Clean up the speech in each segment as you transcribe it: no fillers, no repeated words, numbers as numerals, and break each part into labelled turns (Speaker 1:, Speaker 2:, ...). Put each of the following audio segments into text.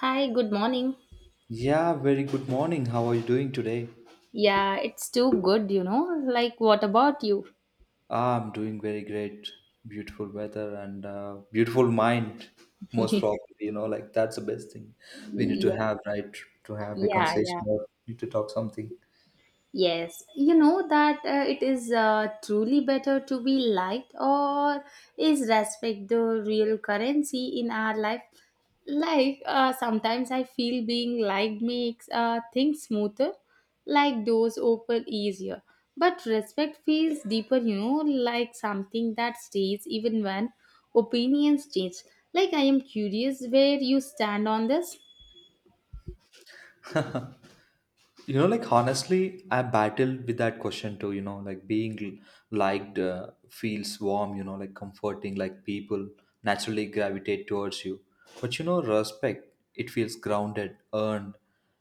Speaker 1: Hi, good morning.
Speaker 2: Yeah, very good morning. How are you doing today?
Speaker 1: Yeah, it's too good, you know. Like, what about you?
Speaker 2: Ah, I'm doing very great. Beautiful weather and beautiful mind, most probably. That's the best thing we need to
Speaker 1: Yeah,
Speaker 2: have, right? To have a
Speaker 1: yeah, yeah.
Speaker 2: conversation or need to talk something.
Speaker 1: Yes, you know that it is truly better to be liked or is respect the real currency in our life. Like sometimes I feel being liked makes things smoother, like doors open easier. But respect feels deeper, you know, like something that stays even when opinions change. Like I am curious where you stand on this.
Speaker 2: Honestly, I battled with that question too, being liked feels warm, comforting, like people naturally gravitate towards you. But you know, respect, it feels grounded, earned,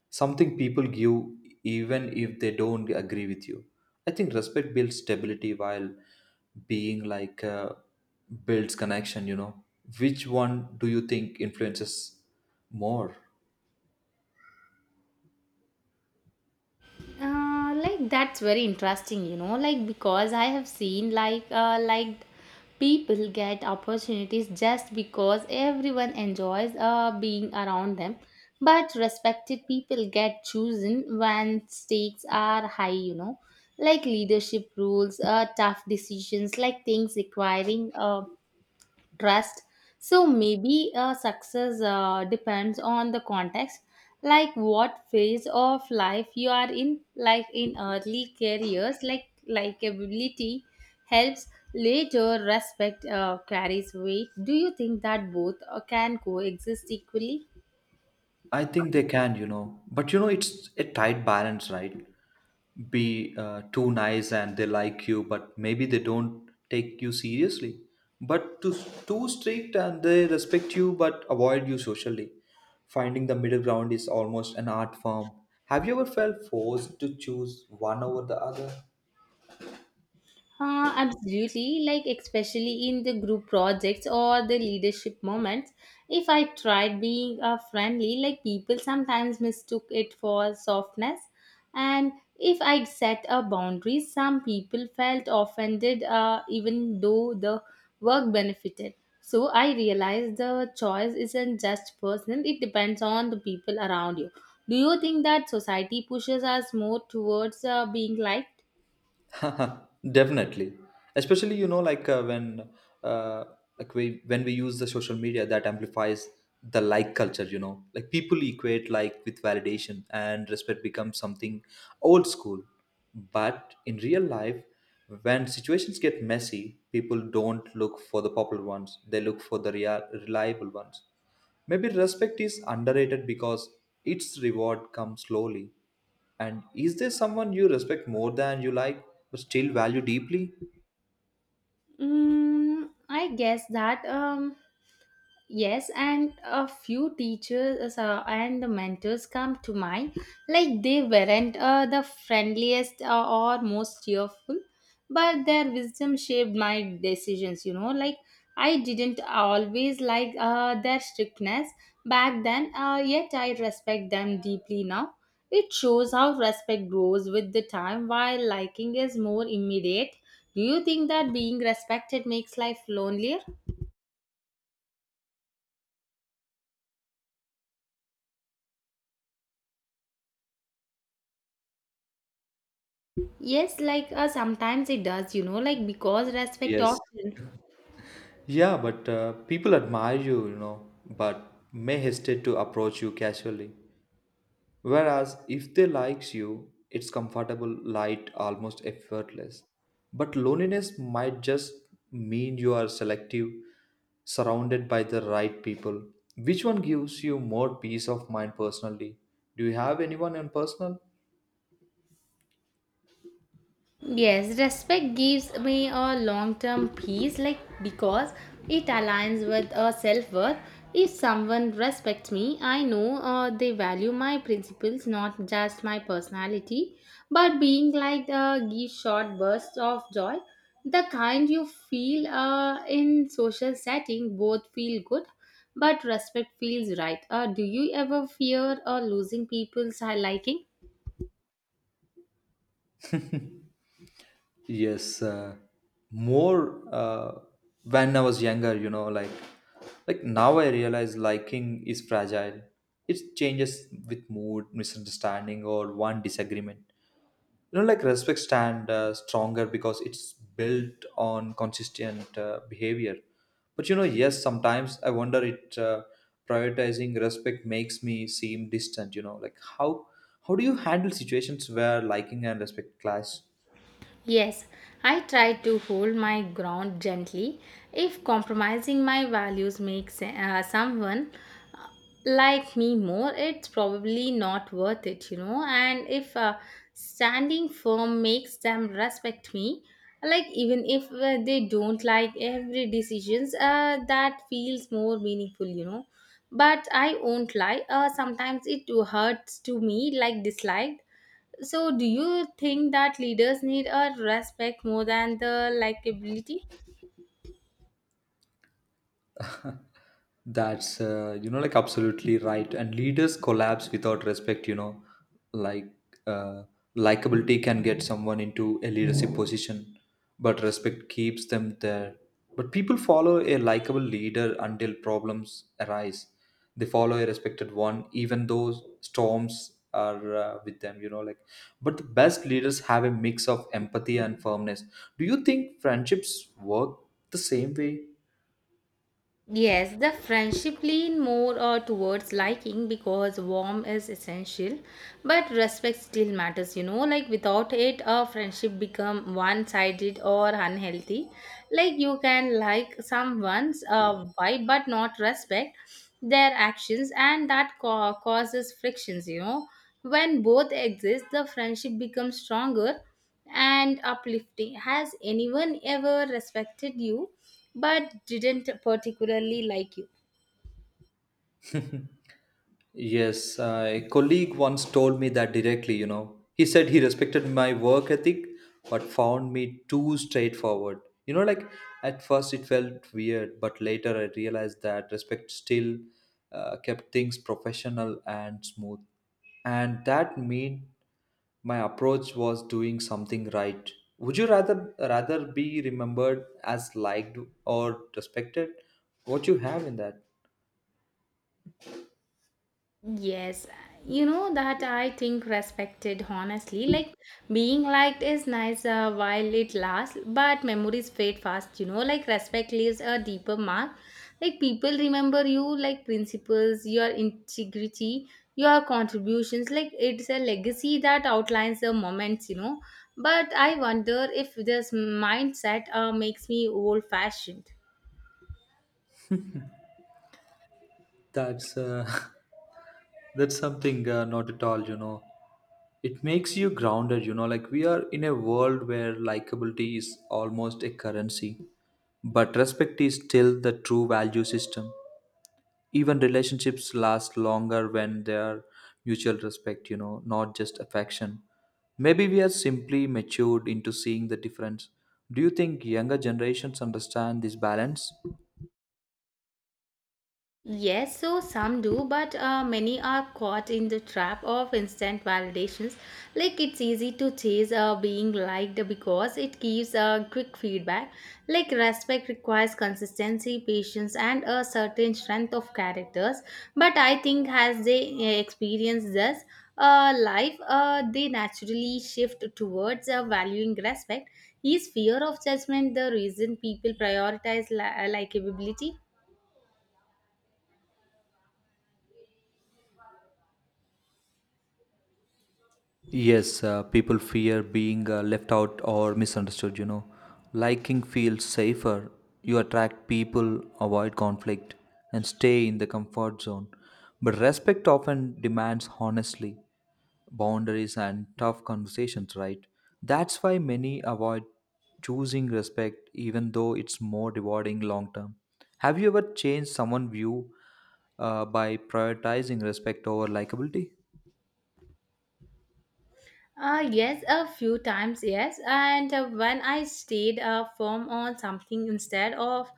Speaker 2: something people give even if they don't agree with you. I think respect builds stability while being like builds connection, you know. Which one do you think influences more?
Speaker 1: Like, that's very interesting, you know, like because I have seen, like people get opportunities just because everyone enjoys being around them, but respected people get chosen when stakes are high, you know, like leadership rules, tough decisions, like things requiring trust. So maybe success depends on the context, like what phase of life you are in. Like in early careers, like likability helps, later respect carries weight. Do you think that both can coexist equally?
Speaker 2: I think they can, you know. But you know, it's a tight balance, right? Be too nice and they like you, but maybe they don't take you seriously. But too strict and they respect you but avoid you socially. Finding the middle ground is almost an art form. Have you ever felt forced to choose one over the other?
Speaker 1: Absolutely, like especially in the group projects or the leadership moments. If I tried being friendly, like people sometimes mistook it for softness. And if I'd set a boundary, some people felt offended even though the work benefited. So I realized the choice isn't just personal, it depends on the people around you. Do you think that society pushes us more towards being liked?
Speaker 2: Definitely, especially when uh, like we when we use the social media that amplifies the like culture. You know, like people equate like with validation, and respect becomes something old school. But in real life, when situations get messy, people don't look for the popular ones; they look for the real, reliable ones. Maybe respect is underrated because its reward comes slowly. And is there someone you respect more than you like, but still value deeply?
Speaker 1: Mm, I guess that. Yes, and a few teachers and the mentors come to mind. Like they weren't the friendliest or most cheerful, but their wisdom shaped my decisions. You know, like I didn't always like their strictness back then, yet I respect them deeply now. It shows how respect grows with the time, while liking is more immediate. Do you think that being respected makes life lonelier? Yes, like sometimes it does, you know, like because respect
Speaker 2: Yes.
Speaker 1: often.
Speaker 2: Yeah, but people admire you, you know, but may hesitate to approach you casually. Whereas if they likes you, it's comfortable, light, almost effortless. But loneliness might just mean you are selective, surrounded by the right people. Which one gives you more peace of mind personally? Do you have anyone in personal?
Speaker 1: Yes, respect gives me a long term peace, like because it aligns with a self worth. If someone respects me, I know they value my principles, not just my personality. But being like gives short bursts of joy, the kind you feel in social setting, both feel good, but respect feels right. Do you ever fear losing people's liking?
Speaker 2: Yes, more when I was younger, you know, now I realize liking is fragile. It changes with mood, misunderstanding, or one disagreement. You know, like respect stand stronger because it's built on consistent behavior. But you know, yes, sometimes I wonder it prioritizing respect makes me seem distant. You know, like how do you handle situations where liking and respect clash?
Speaker 1: Yes, I try to hold my ground gently. If compromising my values makes someone like me more, it's probably not worth it, you know. And if standing firm makes them respect me, like even if they don't like every decisions, that feels more meaningful, you know. But I won't lie. Sometimes it hurts to me, like dislike. So, do you think that leaders need a respect more than the likability?
Speaker 2: That's you know, like absolutely right. And leaders collapse without respect. You know, like uh, likability can get someone into a leadership position, but respect keeps them there. But people follow a likable leader until problems arise. They follow a respected one, even though storms are with them. You know, like but the best leaders have a mix of empathy and firmness. Do you think friendships work the same way?
Speaker 1: Yes, the friendship lean more towards liking because warm is essential, but respect still matters, you know. Like without it, a friendship become one-sided or unhealthy. Like you can like someone's vibe but not respect their actions, and that causes frictions, you know. When both exist, the friendship becomes stronger and uplifting. Has anyone ever respected you but didn't particularly like you?
Speaker 2: Yes, a colleague once told me that directly, you know. He said he respected my work ethic but found me too straightforward. You know, like at first it felt weird, but later I realized that respect still kept things professional and smooth. And that meant my approach was doing something right. Would you rather be remembered as liked or respected? What you have in that?
Speaker 1: Yes, you know that I think respected honestly. Like being liked is nice while it lasts, but memories fade fast, you know. Like respect leaves a deeper mark. Like people remember you, like principles, your integrity, your contributions. Like it's a legacy that outlines the moments, you know. But I wonder if this mindset makes me old fashioned.
Speaker 2: That's that's something not at all, you know. It makes you grounded, you know. Like we are in a world where likability is almost a currency, but respect is still the true value system. Even relationships last longer when they are mutual respect, you know, not just affection. Maybe we are simply matured into seeing the difference. Do you think younger generations understand this balance?
Speaker 1: Yes, so some do, but many are caught in the trap of instant validations. Like it's easy to chase being liked because it gives quick feedback. Like respect requires consistency, patience, and a certain strength of characters. But I think as they experience this life, they naturally shift towards valuing respect. Is fear of judgment the reason people prioritize likability?
Speaker 2: Yes, people fear being left out or misunderstood, you know. Liking feels safer. You attract people, avoid conflict, and stay in the comfort zone. But respect often demands honesty, boundaries, and tough conversations, right? That's why many avoid choosing respect, even though it's more rewarding long term. Have you ever changed someone's view by prioritizing respect over likability?
Speaker 1: Yes, a few times, yes. And when I stayed firm on something instead of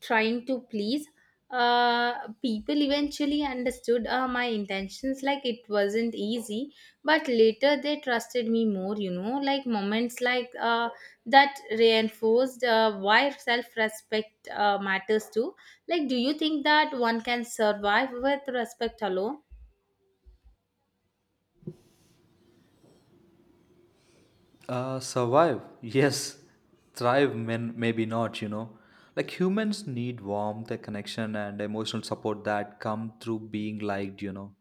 Speaker 1: trying to please, people eventually understood my intentions. Like it wasn't easy, but later they trusted me more, you know. Like moments like that reinforced why self respect matters too. Like, do you think that one can survive with respect alone?
Speaker 2: Survive, yes. Thrive, men, maybe not, you know. Like humans need warmth, a connection, and emotional support that come through being liked, you know.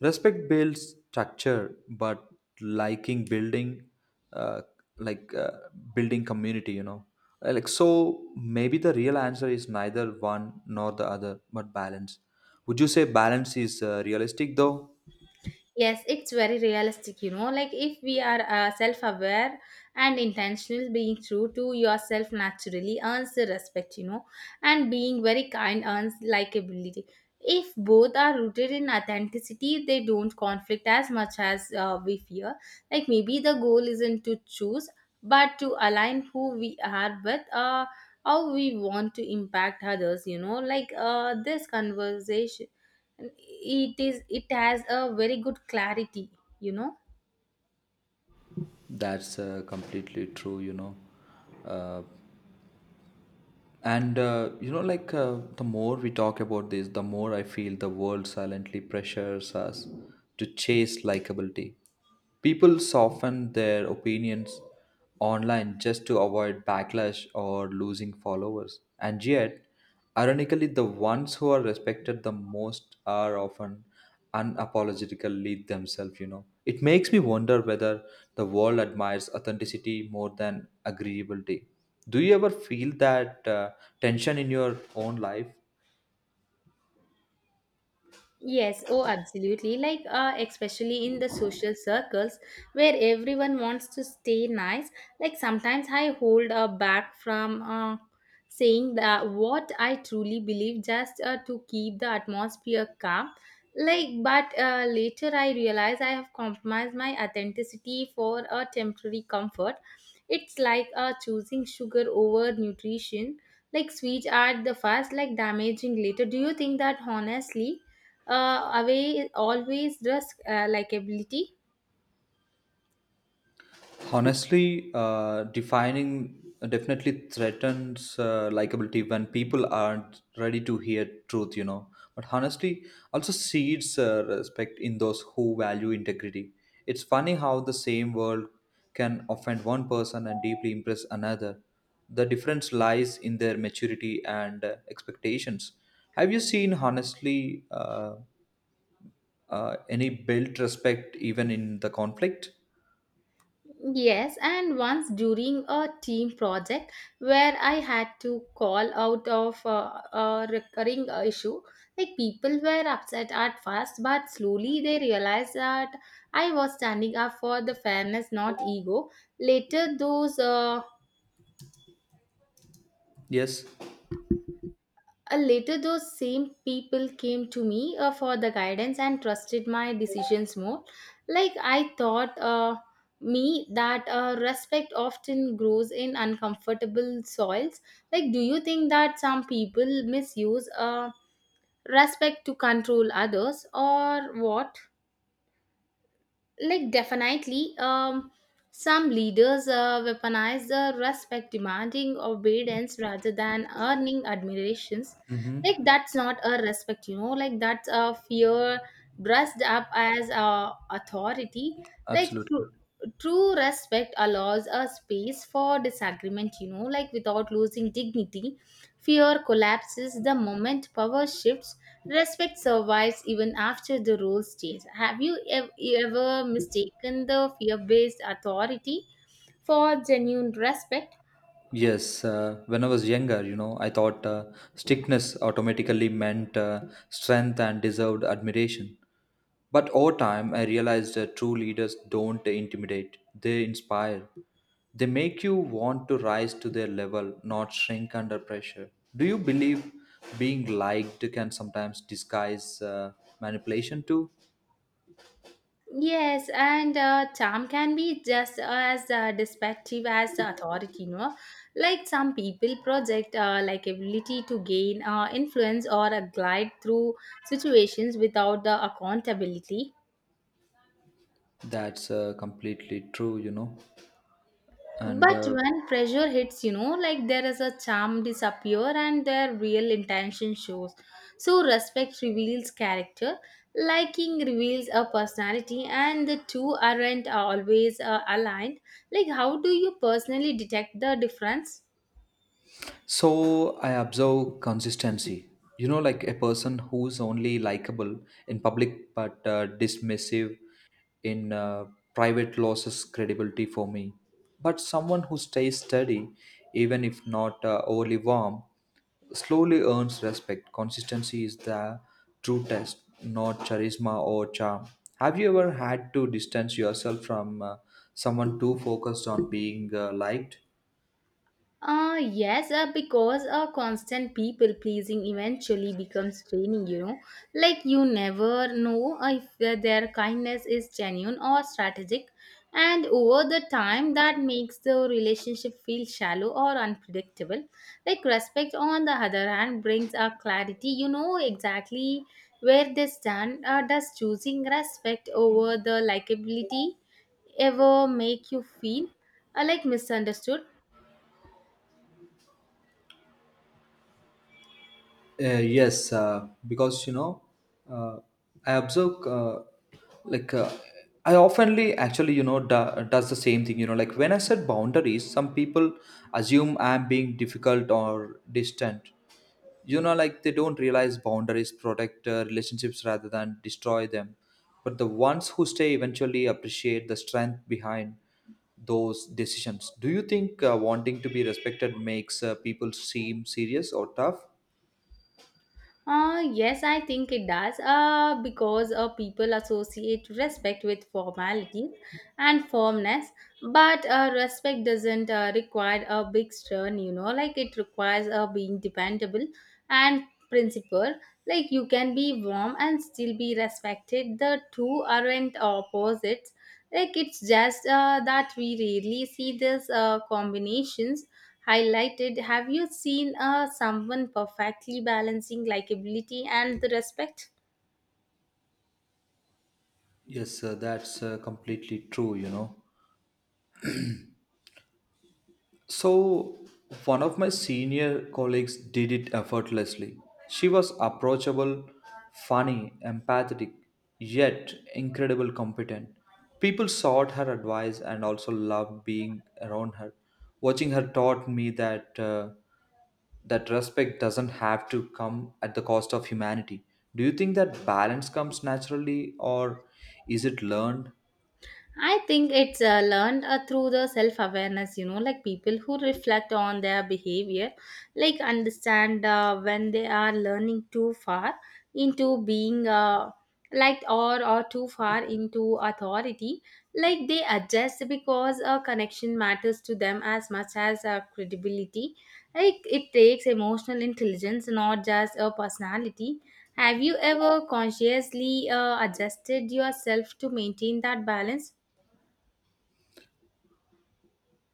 Speaker 2: Respect builds structure, but liking uh, like uh, building community, you know. Like so, maybe the real answer is neither one nor the other, but balance. Would you say balance is realistic though?
Speaker 1: Yes, it's very realistic, you know. Like, if we are self aware and intentional, being true to yourself naturally earns the respect, you know, and being very kind earns likability. If both are rooted in authenticity, they don't conflict as much as we fear. Like, maybe the goal isn't to choose, but to align who we are with how we want to impact others, you know. Like, this conversation and it has a very good clarity, you know.
Speaker 2: That's completely true, you know. Uh, And you know, the more we talk about this, the more I feel the world silently pressures us to chase likability. People soften their opinions online just to avoid backlash or losing followers. And yet, ironically, the ones who are respected the most are often unapologetically themselves, you know. It makes me wonder whether the world admires authenticity more than agreeability. Do you ever feel that tension in your own life?
Speaker 1: Yes, oh, absolutely. Like, especially in the social circles where everyone wants to stay nice. Like, sometimes I hold back from saying that what I truly believe just to keep the atmosphere calm. Like, but later I realize I have compromised my authenticity for a temporary comfort. It's like choosing sugar over nutrition, like sweet at the first, like damaging later. Do you think that honestly? Away always risk likability.
Speaker 2: Honestly, defining definitely threatens likability when people aren't ready to hear truth, you know. But honestly, also seeds respect in those who value integrity. It's funny how the same word can offend one person and deeply impress another. The difference lies in their maturity and expectations. Have you seen, honestly, any built respect even in the conflict?
Speaker 1: Yes, and once during a team project where I had to call out of a recurring issue, like people were upset at first, but slowly they realized that I was standing up for the fairness, not ego. Later those
Speaker 2: Yes.
Speaker 1: uh, later, those same people came to me for the guidance and trusted my decisions more. Like I thought me that respect often grows in uncomfortable soils. Like, do you think that some people misuse respect to control others or what? Like, definitely. Some leaders weaponize the respect, demanding obedience rather than earning admirations.
Speaker 2: Mm-hmm.
Speaker 1: Like that's not a respect, you know, like that's a fear dressed up as authority. Like
Speaker 2: Absolutely.
Speaker 1: true, true respect allows a space for disagreement, you know, like without losing dignity. Fear collapses the moment power shifts. Respect survives even after the rules change. Have you ever mistaken the fear based authority for genuine respect?
Speaker 2: Yes, when I was younger, you know, I thought strictness automatically meant strength and deserved admiration. But over time, I realized that true leaders don't intimidate, they inspire. They make you want to rise to their level, not shrink under pressure. Do you believe being liked can sometimes disguise manipulation too?
Speaker 1: Yes, and charm can be just as deceptive as the authority, no? Like some people project like ability to gain influence or a glide through situations without the accountability.
Speaker 2: That's completely true, you know. And
Speaker 1: But when pressure hits, you know, like there is a charm disappear and their real intention shows. So respect reveals character, liking reveals a personality, and the two aren't always aligned. Like, how do you personally detect the difference?
Speaker 2: So I observe consistency. You know, like a person who's only likable in public but dismissive in private loses credibility for me. But someone who stays steady, even if not overly warm, slowly earns respect. Consistency is the true test, not charisma or charm. Have you ever had to distance yourself from someone too focused on being liked?
Speaker 1: Yes, because constant people pleasing eventually becomes draining, you know. Like, you never know if their kindness is genuine or strategic, and over the time, that makes the relationship feel shallow or unpredictable. Like, respect, on the other hand, brings a clarity, you know, exactly where they stand. Does choosing respect over the likability ever make you feel like misunderstood?
Speaker 2: Yes, because you know, uh, I observe like I oftenly actually, you know, does the same thing. You know, like when I set boundaries, some people assume I'm being difficult or distant. You know, like they don't realize boundaries protect relationships rather than destroy them. But the ones who stay eventually appreciate the strength behind those decisions. Do you think wanting to be respected makes people seem serious or tough?
Speaker 1: Yes, I think it does. Because people associate respect with formalities and firmness, but respect doesn't require a big stern, you know, like it requires being dependable and principled. Like you can be warm and still be respected. The two aren't opposites, like it's just that we rarely see these combinations highlighted. Have you seen someone perfectly balancing likability and the respect?
Speaker 2: Yes, sir, that's completely true, you know. So, one of my senior colleagues did it effortlessly. She was approachable, funny, empathetic, yet incredibly competent. People sought her advice and also loved being around her. Watching her taught me that respect doesn't have to come at the cost of humanity. Do you think that balance comes naturally or is it learned?
Speaker 1: I think it's learned through the self awareness, you know, like people who reflect on their behavior, like understand when they are learning too far into being like or too far into authority, like they adjust because connection matters to them as much as credibility. Like it takes emotional intelligence, not just a personality. Have you ever consciously adjusted yourself to maintain that balance?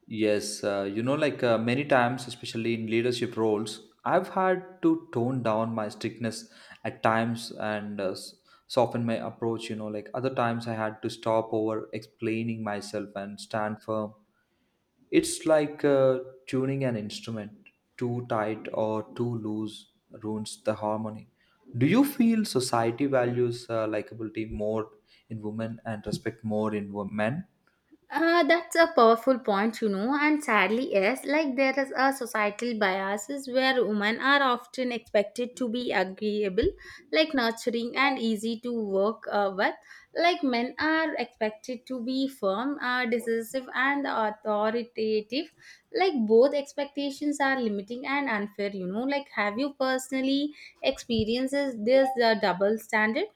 Speaker 2: Yes, you know, many times, especially in leadership roles, I've had to tone down my strictness at times and soften my approach. You know, like other times, I had to stop over explaining myself and stand firm. It's like tuning an instrument too tight or too loose ruins the harmony. Do you feel society values likability more in women and respect more in men?
Speaker 1: That's a powerful point, you know, and sadly, yes, like there is a societal biases where women are often expected to be agreeable, like nurturing and easy to work with, like men are expected to be firm, decisive, and authoritative. Like both expectations are limiting and unfair, you know. Like, have you personally experienced this double standard?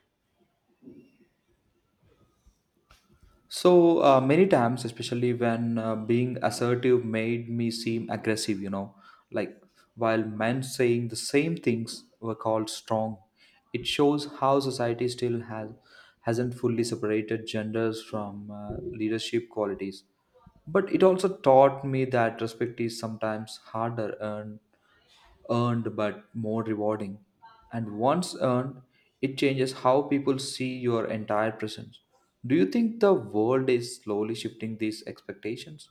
Speaker 2: So many times, especially when being assertive made me seem aggressive, you know, like while men saying the same things were called strong. It shows how society still hasn't fully separated genders from leadership qualities. But it also taught me that respect is sometimes harder earned but more rewarding. And once earned, it changes how people see your entire presence. Do you think the world is slowly shifting these expectations?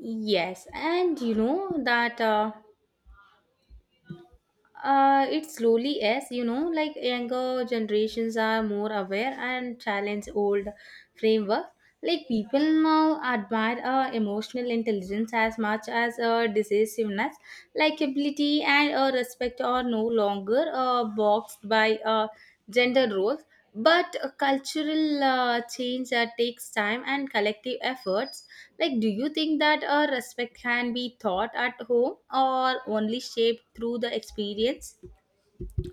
Speaker 1: Yes, and you know that. It slowly is, you know, like younger generations are more aware and challenge old framework. Like people now admire emotional intelligence as much as decisiveness, likability, and respect are no longer boxed by gender roles. But cultural change takes time and collective efforts. Like, do you think that respect can be taught at home or only shaped through the experience?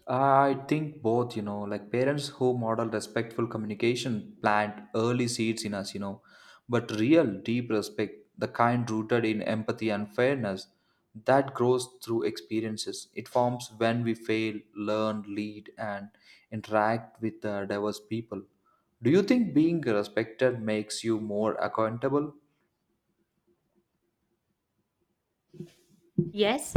Speaker 2: I think both, you know, like parents who model respectful communication plant early seeds in us, you know, but real deep respect, the kind rooted in empathy and fairness, that grows through experiences. It forms when we fail, learn, lead, and interact with diverse people. Do you think being respected makes you more accountable?
Speaker 1: Yes,